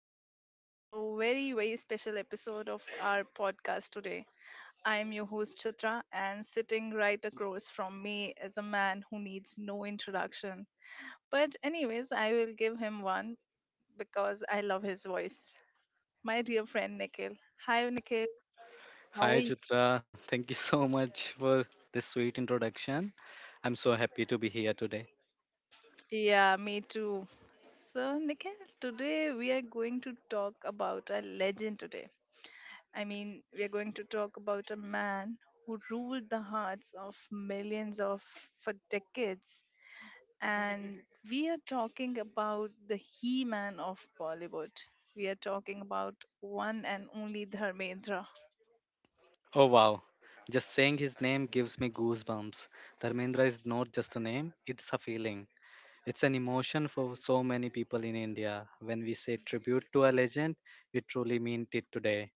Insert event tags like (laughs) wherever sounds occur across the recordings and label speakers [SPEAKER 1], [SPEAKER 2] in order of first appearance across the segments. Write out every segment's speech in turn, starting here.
[SPEAKER 1] welcome to a very, very special episode of our podcast today. I am your host, Chitra, and sitting right across from me is a man who needs no introduction. But, anyways, I will give him one because I love his voice. My dear friend, Nikhil. Hi, Nikhil. How are
[SPEAKER 2] Hi,
[SPEAKER 1] you?
[SPEAKER 2] Chitra. Thank you so much for this sweet introduction. I'm so happy to be here today.
[SPEAKER 1] Yeah, me too. So, Nikhil, today we are going to talk about a legend today. I mean, we are going to talk about a man who ruled the hearts of millions of for decades. And we are talking about the He Man of Bollywood. We are talking about one and only Dharmendra.
[SPEAKER 2] Oh, wow. Just saying his name gives me goosebumps. Dharmendra is not just a name, it's a feeling. It's an emotion for so many people in India. When we say tribute to a legend, we truly mean it today.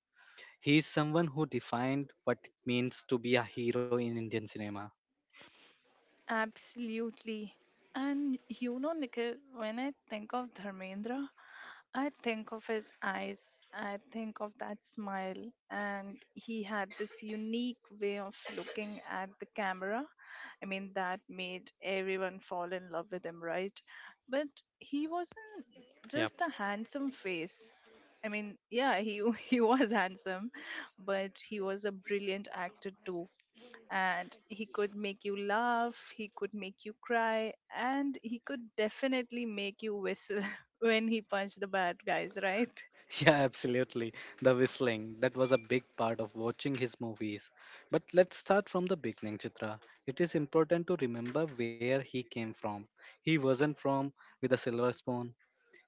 [SPEAKER 2] He is someone who defined what it means to be a hero in Indian cinema.
[SPEAKER 1] Absolutely. And you know, Nikhil, when I think of Dharmendra, I think of his eyes, I think of that smile, and he had this unique way of looking at the camera. I mean, that made everyone fall in love with him, right? But he wasn't
[SPEAKER 2] Yep.
[SPEAKER 1] just a handsome face. I mean, yeah, he (laughs) he was handsome, but he was a brilliant actor too and he could make you laugh, he could make you cry, and he could definitely make you whistle (laughs) when he punched the bad guys, right?
[SPEAKER 2] (laughs) Yeah, absolutely. The whistling, that was a big part of watching his movies. But let's start from the beginning, Chitra. It is important to remember where he came from. He wasn't from with a silver spoon.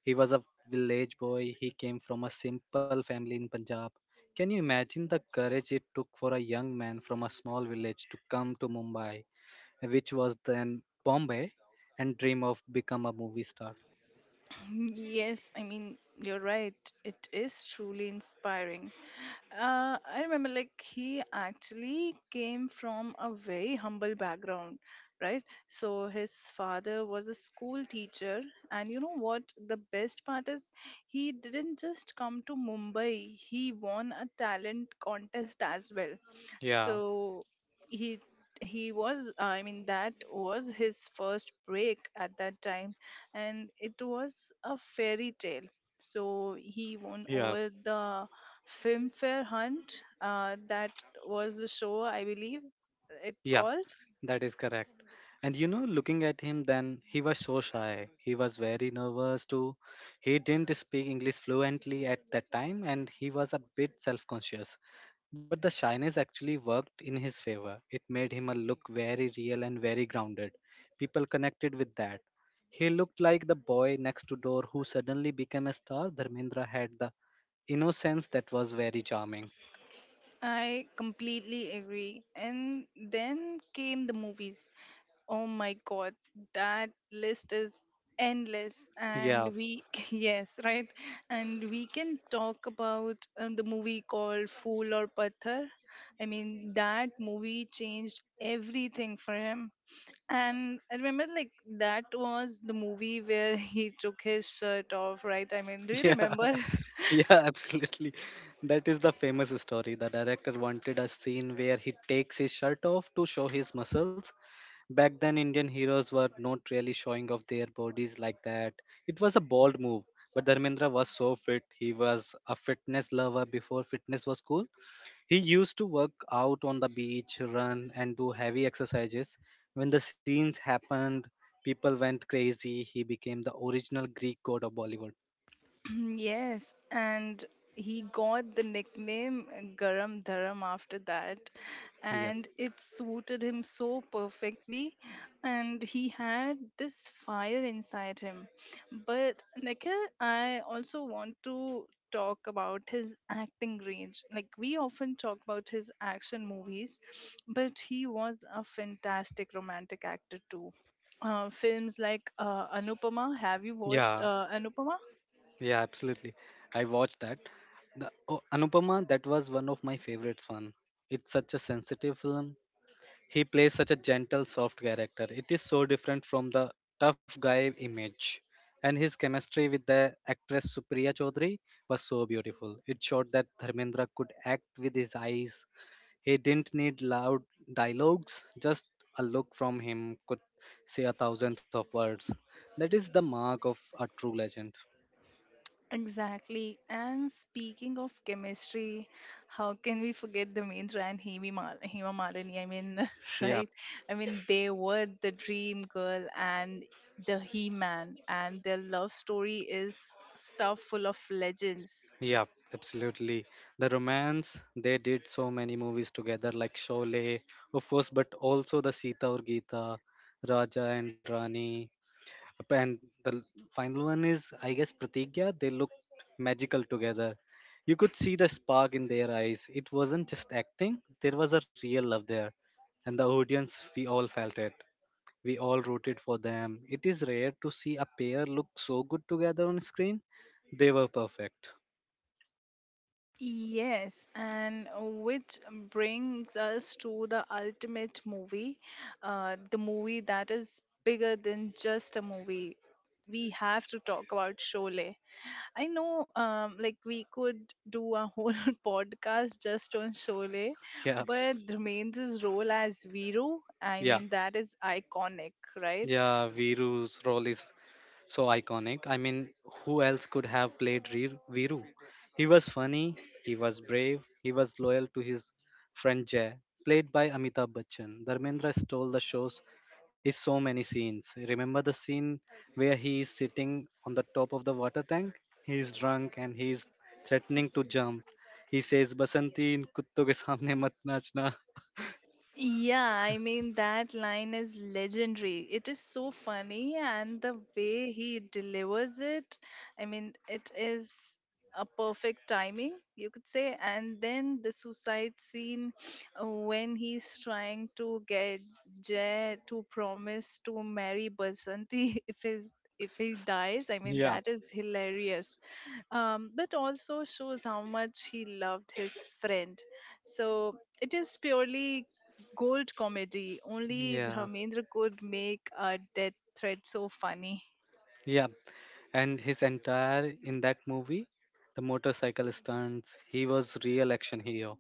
[SPEAKER 2] He was a village boy. He came from a simple family in Punjab. Can you imagine the courage it took for a young man from a small village to come to Mumbai, which was then Bombay, and dream of become a movie star?
[SPEAKER 1] Yes, I mean, you're right. It is truly inspiring. I remember, like, he actually came from a very humble background, right? So, his father was a school teacher. And you know what? The best part is, he didn't just come to Mumbai, he won a talent contest as well.
[SPEAKER 2] Yeah,
[SPEAKER 1] So, he he was, I mean, that was his first break at that time and it was a fairy tale. So he won
[SPEAKER 2] yeah.
[SPEAKER 1] over the Filmfare Hunt. That was the show, I believe, it
[SPEAKER 2] Yeah,
[SPEAKER 1] called.
[SPEAKER 2] that is correct. And you know, looking at him then, he was so shy. He was very nervous too. He didn't speak English fluently at that time and he was a bit self conscious. But the shyness actually worked in his favor. It made him a look very real and very grounded. People connected with that. He looked like the boy next to door who suddenly became a star. Dharmendra had the innocence that was very charming.
[SPEAKER 1] I completely agree. And then came the movies. Oh my god, that list is endless. And
[SPEAKER 2] Yeah,
[SPEAKER 1] we, (laughs) yes, right? And we can talk about the movie called Fool or Pathar. I mean, that movie changed everything for him. And I remember, like, that was the movie where (laughs) he took his shirt off, right? I mean, do
[SPEAKER 2] (laughs)
[SPEAKER 1] you
[SPEAKER 2] yeah.
[SPEAKER 1] remember?
[SPEAKER 2] (laughs) Yeah, absolutely. That is the famous story. The director wanted a scene where he takes his shirt off to show his muscles. Back then, Indian heroes were not really showing off their bodies like that. It was a bold move, but Dharmendra was so fit. He was a fitness lover before fitness was cool. He used to work out on the beach, run, and do heavy exercises. When the scenes happened, people went crazy. He became the original Greek god of Bollywood.
[SPEAKER 1] (clears throat) Yes, and he got the nickname Garam Dharam after that,
[SPEAKER 2] Yeah.
[SPEAKER 1] and it suited him so perfectly. And he had this fire inside him. But Nikhil, I also want to talk about his acting range. Like, we often talk about his action movies, but he was a fantastic romantic actor too, films like Anupama. Have you watched
[SPEAKER 2] Yeah,
[SPEAKER 1] Anupama?
[SPEAKER 2] Yeah, absolutely. I watched that. The oh, Anupama, that was one of my favorites one. It's such a sensitive film. He plays such a gentle, soft character. It is so different from the tough guy image. And his chemistry with the actress Supriya Chaudhary was so beautiful. It showed that Dharmendra could act with his eyes. He didn't need loud dialogues, just a look from him could say a thousands of words. That is the mark of a true legend.
[SPEAKER 1] Exactly. And speaking of chemistry, how can we forget the main and Hema Malini? I mean, (laughs)
[SPEAKER 2] Yeah,
[SPEAKER 1] right? I mean, they were the dream girl and the He Man, and their love story is stuff full of legends.
[SPEAKER 2] Yeah, absolutely. The romance, they did so many movies together, like Sholay, of course, but also the Sita or Geeta, Raja and Rani. And the l- final one is, I guess, Pratigya. They looked magical together. You could see the spark in their eyes. It wasn't just acting, there was a real love there. And the audience, we all felt it. We all rooted for them. It is rare to see a pair look so good together on screen. They were perfect.
[SPEAKER 1] Yes, and which brings us to the ultimate movie, the movie that is bigger than just a movie. We have to talk about Sholay. I know, like we could do a whole (laughs) podcast just on Sholay,
[SPEAKER 2] Yeah.
[SPEAKER 1] but Dharmendra's role as Viru, I
[SPEAKER 2] Yeah,
[SPEAKER 1] mean, that is iconic, right?
[SPEAKER 2] yeah, Viru's role is so iconic. I mean, who else could have played Viru? He was funny, he was brave, he was loyal to his friend Jay, played by Amitabh Bachchan. Dharmendra stole the show's is so many scenes. Remember the scene where he is sitting on the top of the water tank? He is drunk and he is threatening to jump. He says, "Basanti, in kutto ke samne mat nachna."
[SPEAKER 1] Yeah, I mean, that line is legendary. It is so funny, and the way he delivers it, I mean, it is a perfect timing, you could say. And then the suicide scene when he's trying to get Jay to promise to marry Basanti (laughs) if his if he dies, I
[SPEAKER 2] (laughs)
[SPEAKER 1] mean,
[SPEAKER 2] Yeah,
[SPEAKER 1] that is hilarious, but also shows how much he loved his friend, so it is purely Gold comedy. Only
[SPEAKER 2] yeah.
[SPEAKER 1] Dharmendra could make a death threat so funny.
[SPEAKER 2] Yeah, and his entire in that movie, the motorcycle stunts, he was real action hero.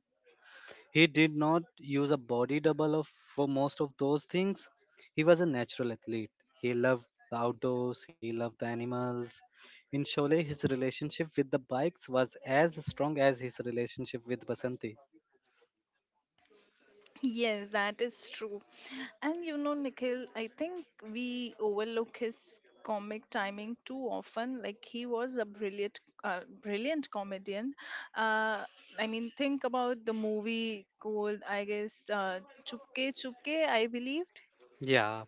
[SPEAKER 2] He did not use a body double of for most of those things. He was a natural athlete. He loved the outdoors, he loved the animals. In Sholay, his relationship with the bikes was as strong as his relationship with Vasanti.
[SPEAKER 1] Yes, that is true. And you know, Nikhil, I think we overlook his comic timing too often. Like he was a brilliant comedian. Uh, I mean, think about the movie Gold. I guess Chupke Chupke. I believe
[SPEAKER 2] Yeah.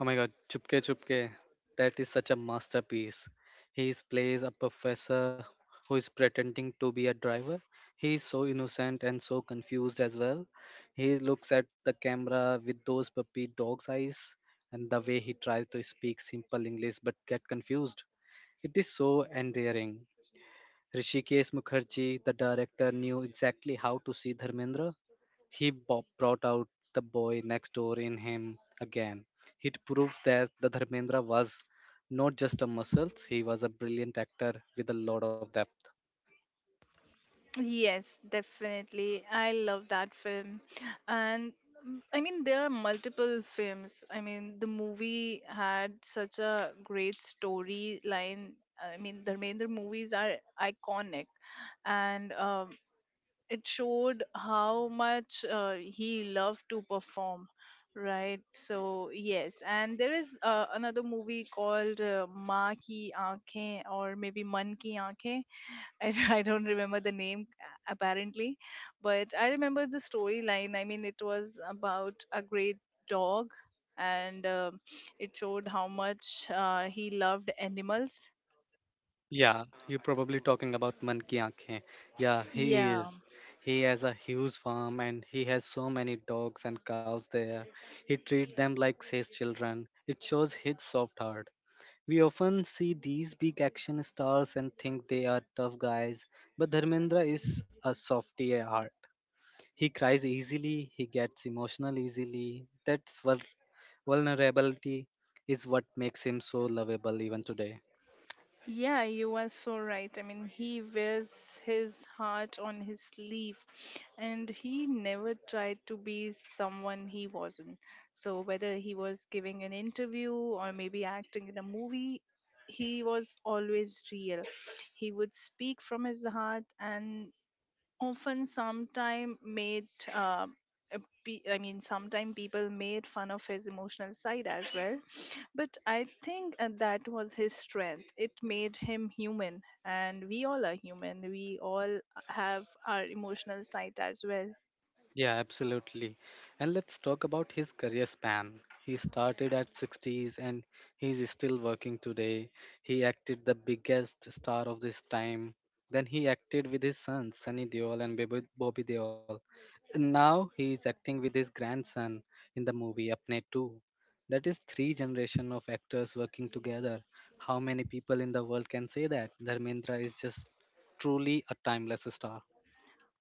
[SPEAKER 2] Oh my god, Chupke Chupke. That is such a masterpiece. He is- plays a professor who is pretending to be a driver. He is so innocent and so confused as well. He looks at the camera with those puppy dog's eyes and the way he tries to speak simple English but get confused. It is so endearing. Rishikesh Mukherjee, the director, knew exactly how to see Dharmendra he brought out the boy next door in him again. It proved that the Dharmendra was not just a muscle, he was a brilliant actor with a lot of depth.
[SPEAKER 1] yes, definitely. I love that film. And I mean, there are multiple films. I mean, the movie had such a great storyline. I mean, the Dharmendra movies are iconic. And it showed how much he loved to perform. Right, so yes, and there is another movie called "Maa Ki Aankhein" or maybe "Man Ki Aankhein," I, (laughs) I don't remember the name apparently, but I remember the storyline. I mean, it was about a great dog, and it showed how much he loved animals.
[SPEAKER 2] Yeah, you're probably talking about Man Ki Aankhein. Yeah, he
[SPEAKER 1] Yeah,
[SPEAKER 2] is. He has a huge farm and he has so many dogs and cows there. He treats them like his children. It shows his soft heart. We often see these big action stars and think they are tough guys, but Dharmendra is a softy at heart. He cries easily, he gets emotional easily. Vulnerability is what makes him so lovable even today.
[SPEAKER 1] yeah, you are so right. I mean, he wears his heart on his sleeve and he never tried to be someone he wasn't. So, whether he was giving an interview or maybe acting in a movie, he was always real. He would speak from his heart and often sometime made uh, uh, sometime people made fun of his emotional side as well, but I think that was his strength. It made him human, and we all are human. We all have our emotional side as well.
[SPEAKER 2] Yeah, absolutely. And let's talk about his career span. He started at 60's and he's still working today. He acted the biggest star of this time. Then he acted with his sons, Sunny Deol and Bobby Deol. And now he is acting with his grandson in the movie Apne 2. That is three generation of actors working together. How many people in the world can say that? Dharmendra is just truly a timeless star.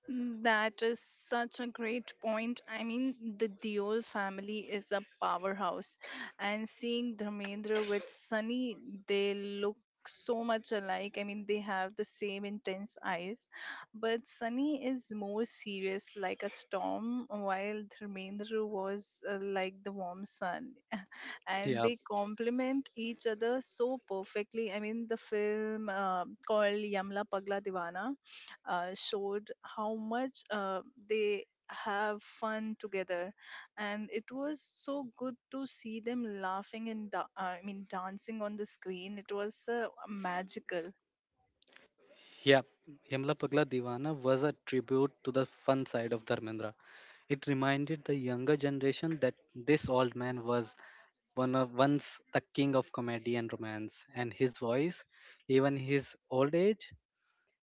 [SPEAKER 1] Mm, that is such a great point. I mean, the Deol family is a powerhouse, and seeing Dharmendra with Sunny, they look so much alike. I mean, they have the same intense eyes, but Sunny is more serious, like a storm, while Dharmendra was like the warm sun,
[SPEAKER 2] (laughs)
[SPEAKER 1] and
[SPEAKER 2] Yeah,
[SPEAKER 1] they complement each other so perfectly. I mean, the film called Yamla Pagla Divana showed how much they have fun together, and it was so good to see them laughing and dancing on the screen. It was magical.
[SPEAKER 2] Yeah, Yamla Pagla Divana was a tribute to the fun side of Dharmendra. It reminded the younger generation that this old man was one of once the king of comedy and romance, and his voice, even his old age,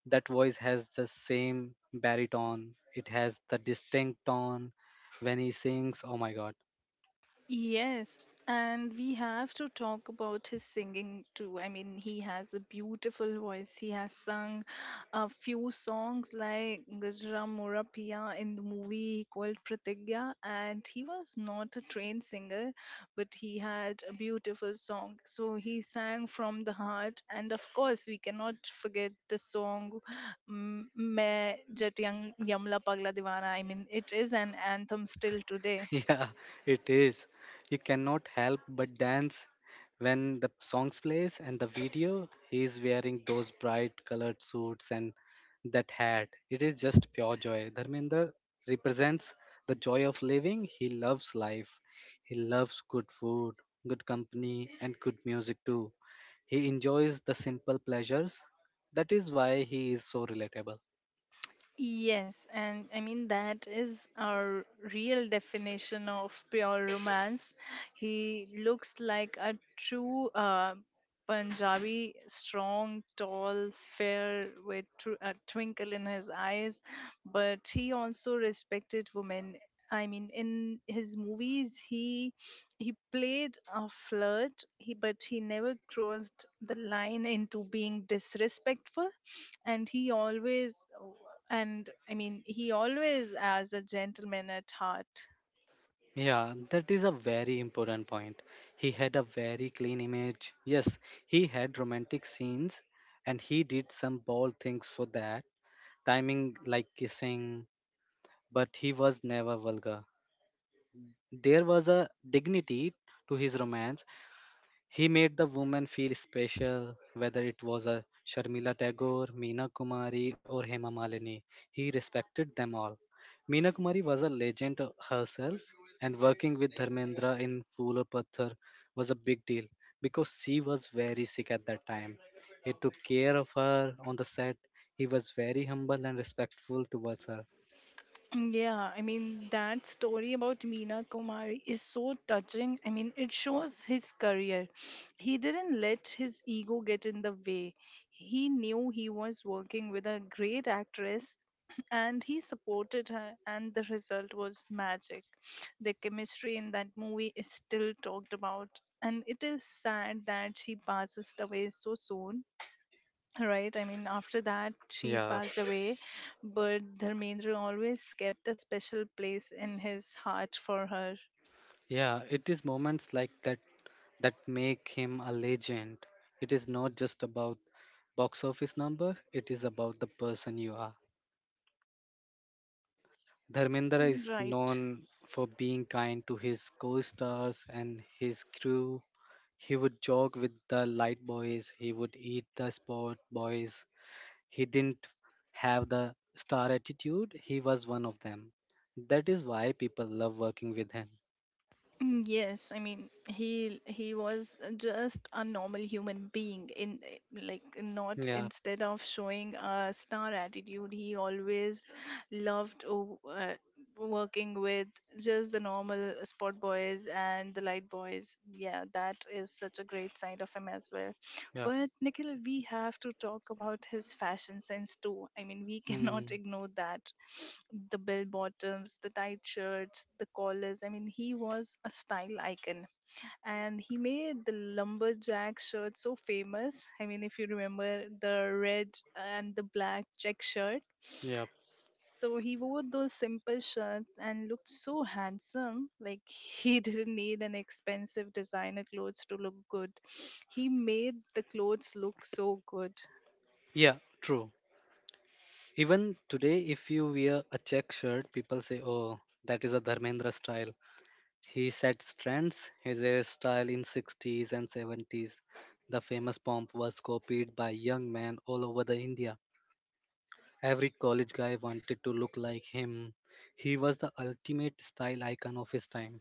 [SPEAKER 2] that voice has the same baritone. It has the distinct tone when he sings. Oh my God!
[SPEAKER 1] Yes, and we have to talk about his singing too. I mean, he has a beautiful voice. He has sung a few songs like Gajra Mora Piya in the movie called Pratigya, and he was not a trained singer, but he had a beautiful song. So he sang from the heart, and of course, we cannot forget the song "मैं जट यमला पगला दीवाना." I mean, it is an anthem still today.
[SPEAKER 2] (laughs) Yeah, it is. You cannot help but dance when the songs plays and the video. He's wearing those bright colored suits and that hat. It is just pure joy. Dharmendra represents the joy of living. He loves life. He loves good food, good company, and good music too. He enjoys the simple pleasures. That is why he is so relatable.
[SPEAKER 1] Yes, and I mean that is our real definition of pure romance. He looks like a true Punjabi, strong, tall, fair, with a twinkle in his eyes. But he also respected women. I mean, in his movies, he played a flirt, he, but he never crossed the line into being disrespectful, and he always, and I mean he always as a gentleman at heart.
[SPEAKER 2] Yeah, that is a very important point. He had a very clean image. Yes, he had romantic scenes and he did some bold things for that, timing like kissing, but he was never vulgar. There was a dignity to his romance he made the women feel special, whether it was a Sharmila Tagore, Meena Kumari, or Hema Malini. He respected them all. Meena Kumari was a legend herself, and working with Dharmendra in Phool Aur Patthar was a big deal because she was very sick at that time. He took care of her on the set. He was very humble and respectful towards her.
[SPEAKER 1] Yeah, I mean, that story about Meena Kumari is so touching. I mean, it shows his career. He didn't let his ego get in the way. He knew he was working with a great actress (clears throat) and he supported her, and the result was magic. The chemistry in that movie is still talked about, and it is sad that she passes away so soon, right? I mean, after that, she
[SPEAKER 2] Yeah,
[SPEAKER 1] passed away, but Dharmendra always kept a special place in his heart for her.
[SPEAKER 2] yeah, it is moments like that that make him a legend. It is not just about box office number, it is about the person you are. Dharmendra is
[SPEAKER 1] Right.
[SPEAKER 2] known for being kind to his co-stars and his crew. He would joke with the light boys, he would eat the sport boys. He didn't have the star attitude, he was one of them. That is why people love working with him.
[SPEAKER 1] Mm, yes, I mean he was just a normal human being in eh, like not
[SPEAKER 2] Yeah,
[SPEAKER 1] instead of showing a star attitude, he always loved working with just the normal sport boys and the light boys. Yeah, that is such a great side of him as well.
[SPEAKER 2] yeah.
[SPEAKER 1] But Nikhil, we have to talk about his fashion sense too. I mean, we cannot
[SPEAKER 2] Hmm,
[SPEAKER 1] (laughs) ignore that. The bell bottoms, the tight shirts, the collars. I mean, he was a style icon. And he made the lumberjack shirt so famous. I mean, if you remember the red and the black check shirt,
[SPEAKER 2] yeah.
[SPEAKER 1] so he wore those simple shirts and looked so handsome. Like he (laughs) didn't need an expensive designer clothes to look good. He made the clothes look so good.
[SPEAKER 2] Yeah, true. Even today, if you wear a check shirt, people say, oh, that is a Dharmendra style. He sets trends, his hairstyle in 60's and 70's. The famous pomp was copied by young men all over the India. Every college guy wanted to look like him. He was the ultimate style icon of his time.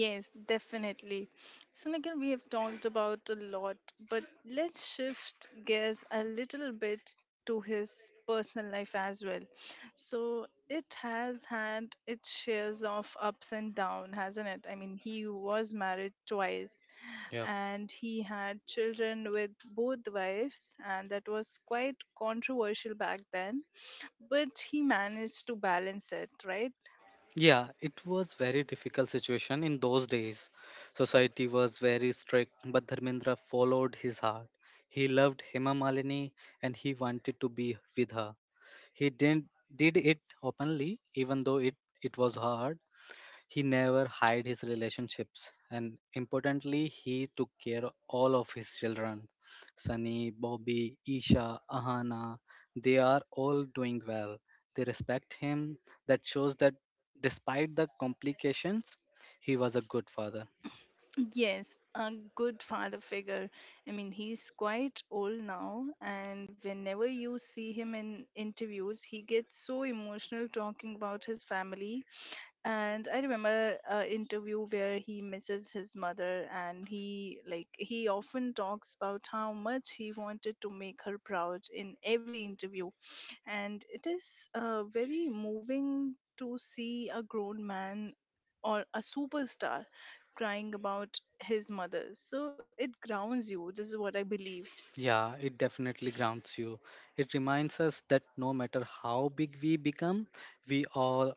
[SPEAKER 1] Yes, definitely. So again, we have talked about a lot, but let's shift gears a little bit to his personal life as well. So it has had its shares of ups and downs, hasn't it? I mean, he was married twice
[SPEAKER 2] Yeah,
[SPEAKER 1] and he had children with both wives, and that was quite controversial back then, but he managed to balance it, right?
[SPEAKER 2] Yeah, it was very difficult situation in those days. Society was very strict, but Dharmendra followed his heart. He loved Hema Malini and he wanted to be with her. He didn't did it openly, even though it was hard. He never hid his relationships, and importantly, he took care of all of his children. Sunny, Bobby, Isha, Ahana, they are all doing well. They respect him. That shows that despite the complications, he was a good father.
[SPEAKER 1] Yes, a good father figure. I mean, he's quite old now, and whenever you see him in interviews, he gets so emotional talking about his family. And I remember an interview where he misses his mother, and he like he often talks about how much he wanted to make her proud in every interview, and it is very moving to see a grown man or a superstar crying about his mother. So it grounds you. This is what I believe.
[SPEAKER 2] Yeah, it definitely grounds you. It reminds us that no matter how big we become, we all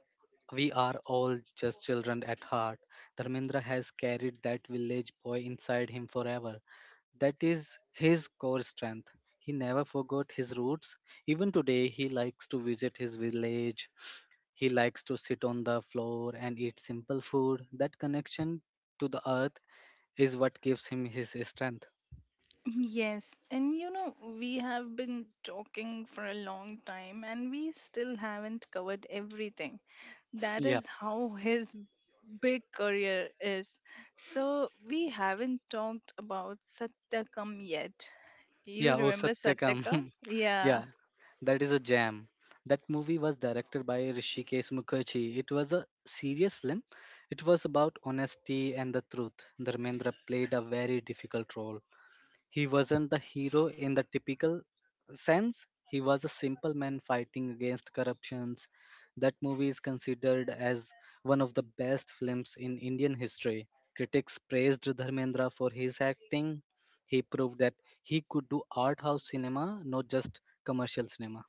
[SPEAKER 2] we are all just children at heart. Dharmendra has carried that village boy inside him forever. That is his core strength. He never forgot his roots. Even today, he likes to visit his village. He likes to sit on the floor and eat simple food. That connection to the earth is what gives him his strength.
[SPEAKER 1] Yes, and you know, we have been talking for a long time and we still haven't covered everything. That
[SPEAKER 2] Yeah.
[SPEAKER 1] is how his big career is. So we haven't talked about Satyakam yet. You
[SPEAKER 2] Yeah, O
[SPEAKER 1] remember
[SPEAKER 2] Satyakam.
[SPEAKER 1] Satyakam?
[SPEAKER 2] (laughs)
[SPEAKER 1] Yeah.
[SPEAKER 2] Yeah, that is a jam. That movie was directed by Rishikesh Mukherjee. It was a serious film. It was about honesty and the truth. Dharmendra played a very difficult role. He wasn't the hero in the typical sense. He was a simple man fighting against corruptions. That movie is considered as one of the best films in Indian history. Critics praised Dharmendra for his acting. He proved that he could do art house cinema, not just commercial cinema.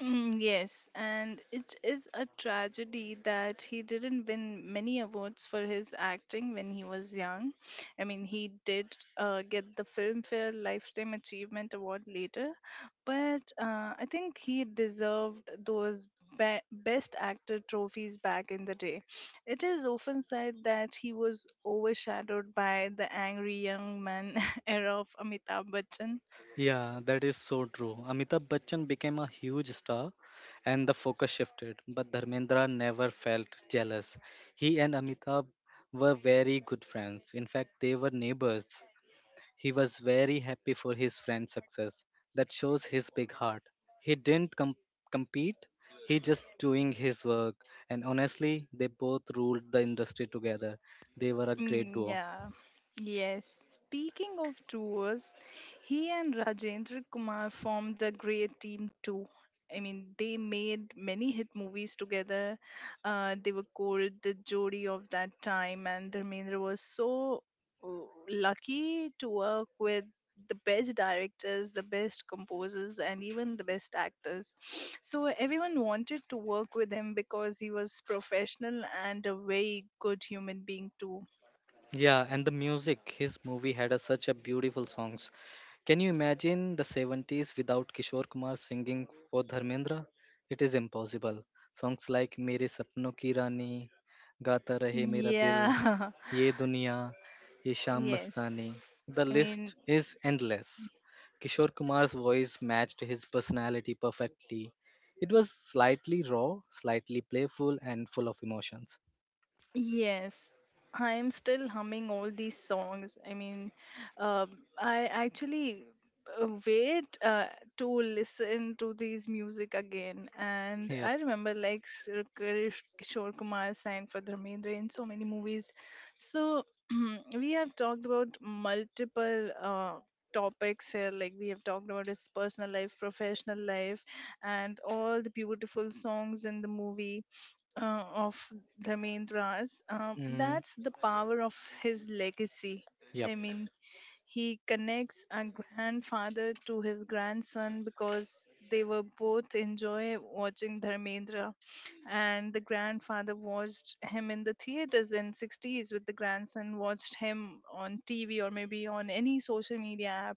[SPEAKER 1] Mm, yes, and it is a tragedy that he didn't win many awards for his acting when he was young. I mean, he did get the Filmfare Lifetime Achievement Award later, but I think he deserved those Best Actor trophies back in the day. It is often said that he was overshadowed by the angry young man (laughs) era of Amitabh Bachchan.
[SPEAKER 2] Yeah, that is so true. Amitabh Bachchan became a huge star and the focus shifted, but Dharmendra never felt jealous. He and Amitabh were very good friends. In fact, they were neighbors. He was very happy for his friend's success. That shows his big heart. He didn't compete, he just doing his work. And honestly, they both ruled the industry together. They were a great
[SPEAKER 1] Mm,
[SPEAKER 2] duo.
[SPEAKER 1] yeah. Yes. Speaking of duos, he and Rajendra Kumar formed a great team too. I mean, they made many hit movies together. They were called the Jodi of that time, and Dharmendra was so uh, lucky to work with the best directors, the best composers, and even the best actors. (sniffs) So everyone wanted to work with him because he was professional and a very good human being too.
[SPEAKER 2] Yeah, and the music. His movie had such a beautiful songs. Can you imagine the 70s without Kishore Kumar singing for Dharmendra? It is impossible. Songs like Mere Sapno Ki Rani, Gata Rahe Mera Dil,
[SPEAKER 1] Yeah.
[SPEAKER 2] Ye Duniya, Ye
[SPEAKER 1] (laughs)
[SPEAKER 2] Shaam
[SPEAKER 1] Yes.
[SPEAKER 2] Mastani. The
[SPEAKER 1] I mean,
[SPEAKER 2] list is endless. Kishore Kumar's voice matched his personality perfectly. It was slightly raw, slightly playful, and full of emotions.
[SPEAKER 1] yes, I am still humming all these songs. I mean, uh, I actually wait to listen to these music again. And
[SPEAKER 2] Yep.
[SPEAKER 1] I remember like Sir Kishore Kumar sang for Dharmendra in so many movies. So (clears throat) we have talked about multiple topics here. Like we have talked about his personal life, professional life, and all the beautiful songs in the movie of Dharmendra's.
[SPEAKER 2] Mm,
[SPEAKER 1] That's the power of his legacy.
[SPEAKER 2] yep.
[SPEAKER 1] I mean, he connects a grandfather to his grandson because they were both enjoy watching Dharmendra, and the grandfather watched him in the theaters in 60s, with the grandson watched him on TV or maybe on any social media app.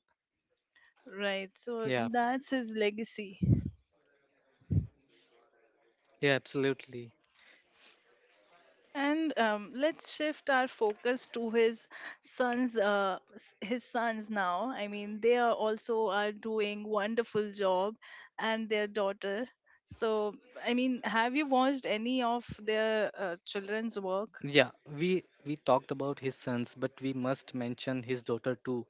[SPEAKER 1] Right, so
[SPEAKER 2] Yeah.
[SPEAKER 1] that's his legacy.
[SPEAKER 2] Yeah, absolutely.
[SPEAKER 1] And Let's shift our focus to his sons. His sons now. I mean, they are also are doing wonderful job, and their daughter. So, I mean, have you watched any of their children's work?
[SPEAKER 2] Yeah, we talked about his sons, but we must mention his daughter too,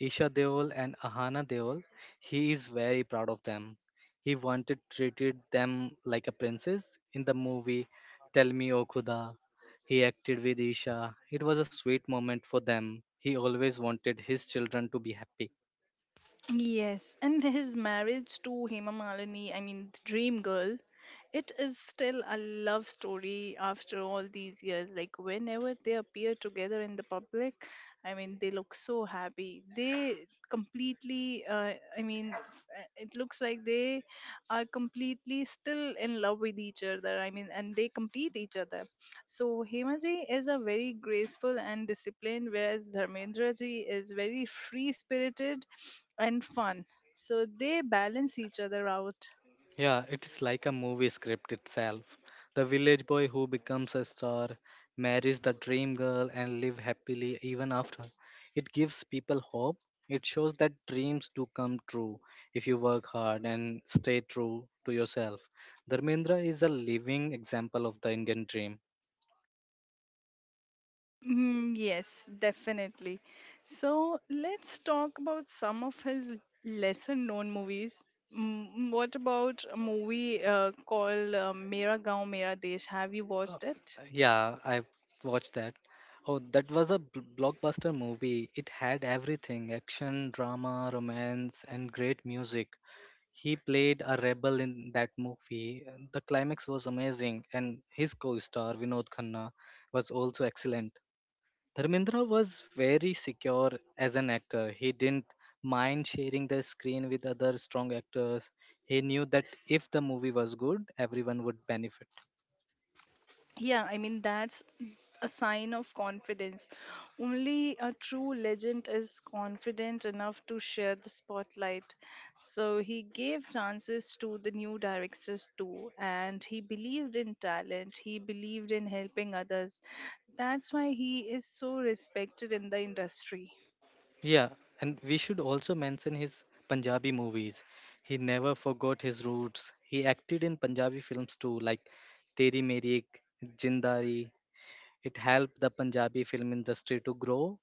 [SPEAKER 2] Isha Deol and Ahana Deol. He is very proud of them. He wanted treated them like a princess in the movie Tell Me O Khuda. He acted with Isha. It was a sweet moment for them. He always wanted his children to be happy.
[SPEAKER 1] Yes, and his marriage to Hema Malini, I mean, the dream girl, it is still a love story after all these years. Like, whenever they appear together in the public, I mean, they look so happy. They completely, I mean, it looks like they are completely still in love with each other. I mean, and they complete each other. So, Hemaji is a very graceful and disciplined, whereas Dharmendra ji is very free spirited and fun. So they balance each other out.
[SPEAKER 2] Yeah, it is like a movie script itself. The village boy who becomes a star, marries the dream girl, and live happily even after. It gives people hope. It shows that dreams do come true if you work hard and stay true to yourself. Dharmendra is a living example of the Indian dream.
[SPEAKER 1] Mm, yes, definitely. So let's talk about some of his lesser known movies. What about a movie called Mera Gaon Mera Desh? Have you watched it?
[SPEAKER 2] Yeah, I watched that. Oh, that was a blockbuster movie. It had everything action, drama, romance, and great music. He played a rebel in that movie. The climax was amazing, and his co star Vinod Khanna was also excellent. Dharmendra was very secure as an actor. He didn't mind sharing the screen with other strong actors. He knew that if the movie was good, everyone would benefit.
[SPEAKER 1] Yeah, I mean, that's a sign of confidence. Only a true legend is confident enough to share the spotlight. So he gave chances to the new directors too, and he believed in talent, he believed in helping others. That's why he is so respected in the industry.
[SPEAKER 2] Yeah, and we should also mention his Punjabi movies. He never forgot his roots. He acted in Punjabi films too, like Teri Meri, Jindari, it helped the Punjabi film industry to grow.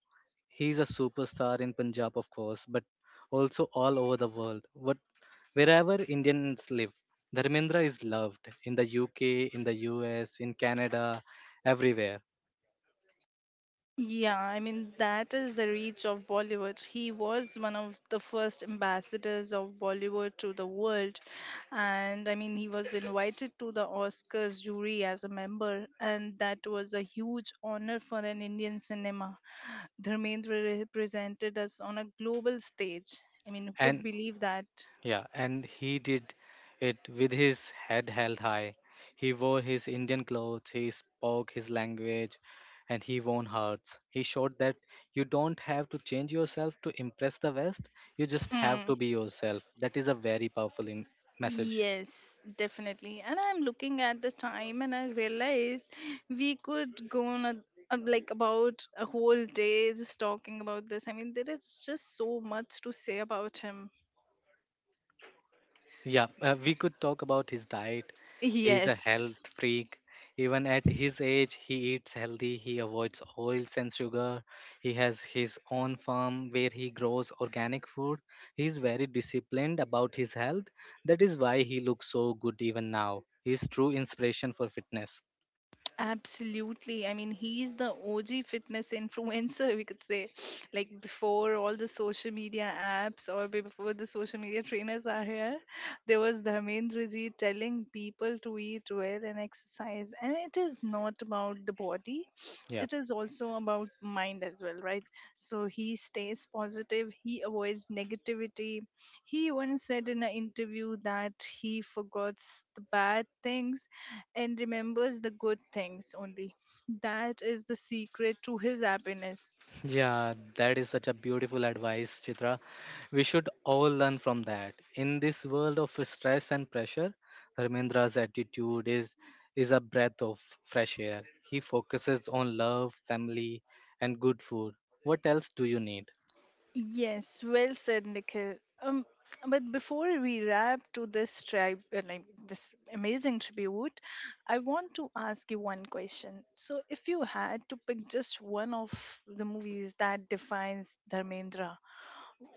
[SPEAKER 2] He's a superstar in Punjab, of course, but also all over the world. What, wherever Indians live, Dharmendra is loved in the UK, in the US, in Canada, everywhere.
[SPEAKER 1] Yeah, I mean, that is the reach of Bollywood. He was one of the first ambassadors of Bollywood to the world. And I mean, he was invited to the Oscars jury as a member, and that was a huge honor for an Indian cinema. Dharmendra represented us on a global stage. I mean, who could
[SPEAKER 2] And
[SPEAKER 1] believe that?
[SPEAKER 2] Yeah, and he did it with his head held high. He wore his Indian clothes, he spoke his language, and he won hearts. He showed that you don't have to change yourself to impress the West, you just have
[SPEAKER 1] Hmm.
[SPEAKER 2] to be yourself. That is a very powerful message.
[SPEAKER 1] Yes, definitely. And I'm looking at the time and I realize we could go on like about a whole day just talking about this. I mean, there is just so much to say about him.
[SPEAKER 2] Yeah, we could talk about his diet.
[SPEAKER 1] (laughs)
[SPEAKER 2] He's a
[SPEAKER 1] Yes.
[SPEAKER 2] health freak. Even at his age, he eats healthy. He avoids oils and sugar. He has his own farm where he grows organic food. He's very disciplined about his health. That is why he looks so good even now. He's true inspiration for fitness.
[SPEAKER 1] Absolutely. I mean, he's the OG fitness (laughs) influencer, we could say. (sniffs) Like before all the social media apps or before the social media trainers are here, there was Dharmendraji telling people to eat well and exercise. And it is not about the body,
[SPEAKER 2] Yeah.
[SPEAKER 1] it is also about mind as well, right? So he stays positive, he avoids negativity. He once said in an interview that he forgets the bad things and remembers the good things only. That is the secret to his happiness.
[SPEAKER 2] Yeah, that is such a beautiful advice, Chitra. We should all learn from that. In this world of stress and pressure, Ramendra's attitude is a breath of fresh air. He focuses on love, family, and good food. What else do you need?
[SPEAKER 1] Yes, well said, Nikhil. Um, but before we wrap to this tribe, like this amazing tribute, I want to ask you one question. So, if you had to pick just one of the movies that defines Dharmendra,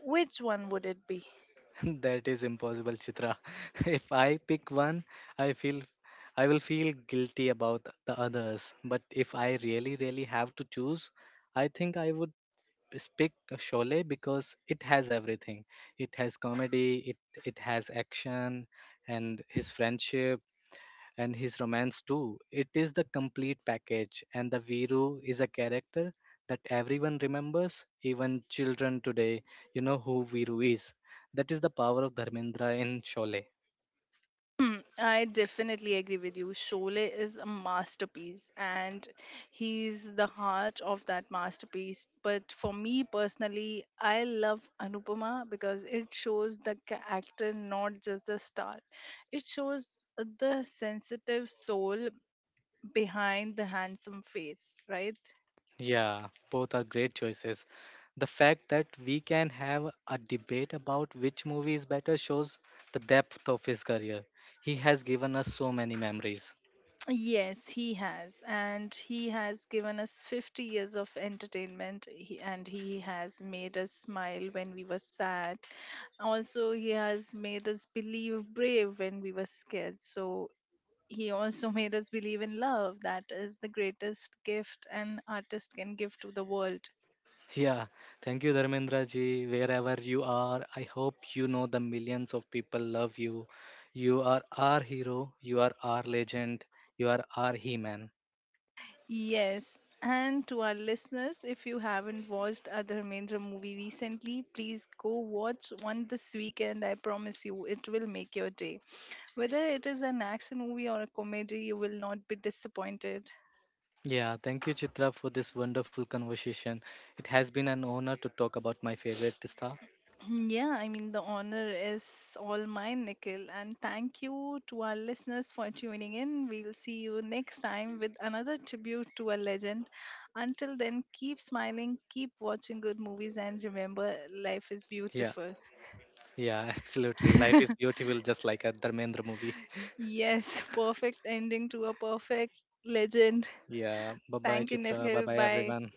[SPEAKER 1] which one would it be?
[SPEAKER 2] (laughs) That is impossible, Chitra. (laughs) If I pick one, I feel I will feel guilty about the others. But if I really, really have to choose, I think I would pick Sholay because it has everything. It has comedy, it has action, and his friendship and his romance too. It is the complete package, and the Viru is a character that everyone remembers, even children today. You know who Viru is. That is the power of Dharmendra in Sholay.
[SPEAKER 1] Hmm, I definitely agree with you. Sholay is a masterpiece and he's the heart of that masterpiece. But for me personally, I love Anupama because it shows the actor, not just the star. It shows the sensitive soul behind the handsome face, right?
[SPEAKER 2] Yeah, both are great choices. The fact that we can have a debate about which movie is better shows the depth of his career. He has given us so many memories.
[SPEAKER 1] Yes, he has. And he has given us 50 years of entertainment, and he has made us smile when we were sad. Also, he has made us believe brave when we were scared. So, he also (laughs) made us believe in love. That is the greatest gift an artist can give to the world.
[SPEAKER 2] Yeah, thank you, Dharmendra ji. Wherever you are, I hope you know the millions of people love you. You are our hero, you are our legend, you are our He Man.
[SPEAKER 1] Yes. And to our listeners, if you haven't watched a Dharmendra movie recently, please go watch one this weekend. I promise you, it will make your day. Whether it is an action movie or a comedy, you will not be disappointed.
[SPEAKER 2] Yeah, thank you, Chitra, for this wonderful conversation. It has been an honor to talk about my favorite star.
[SPEAKER 1] Yeah, I mean, the honor is all mine, Nikhil. And thank you to our listeners for tuning in. We'll see you next time with another tribute to a legend. Until then, keep smiling, keep watching good movies, and remember, life is
[SPEAKER 2] Yeah,
[SPEAKER 1] beautiful.
[SPEAKER 2] yeah, (laughs) absolutely. Life is
[SPEAKER 1] (laughs)
[SPEAKER 2] beautiful, just like a Dharmendra movie.
[SPEAKER 1] Yes, perfect ending to a perfect legend.
[SPEAKER 2] Yeah. Bye bye,
[SPEAKER 1] Thank you,
[SPEAKER 2] Chitra. Bye
[SPEAKER 1] Nikhil.
[SPEAKER 2] bye,
[SPEAKER 1] Bye.
[SPEAKER 2] everyone.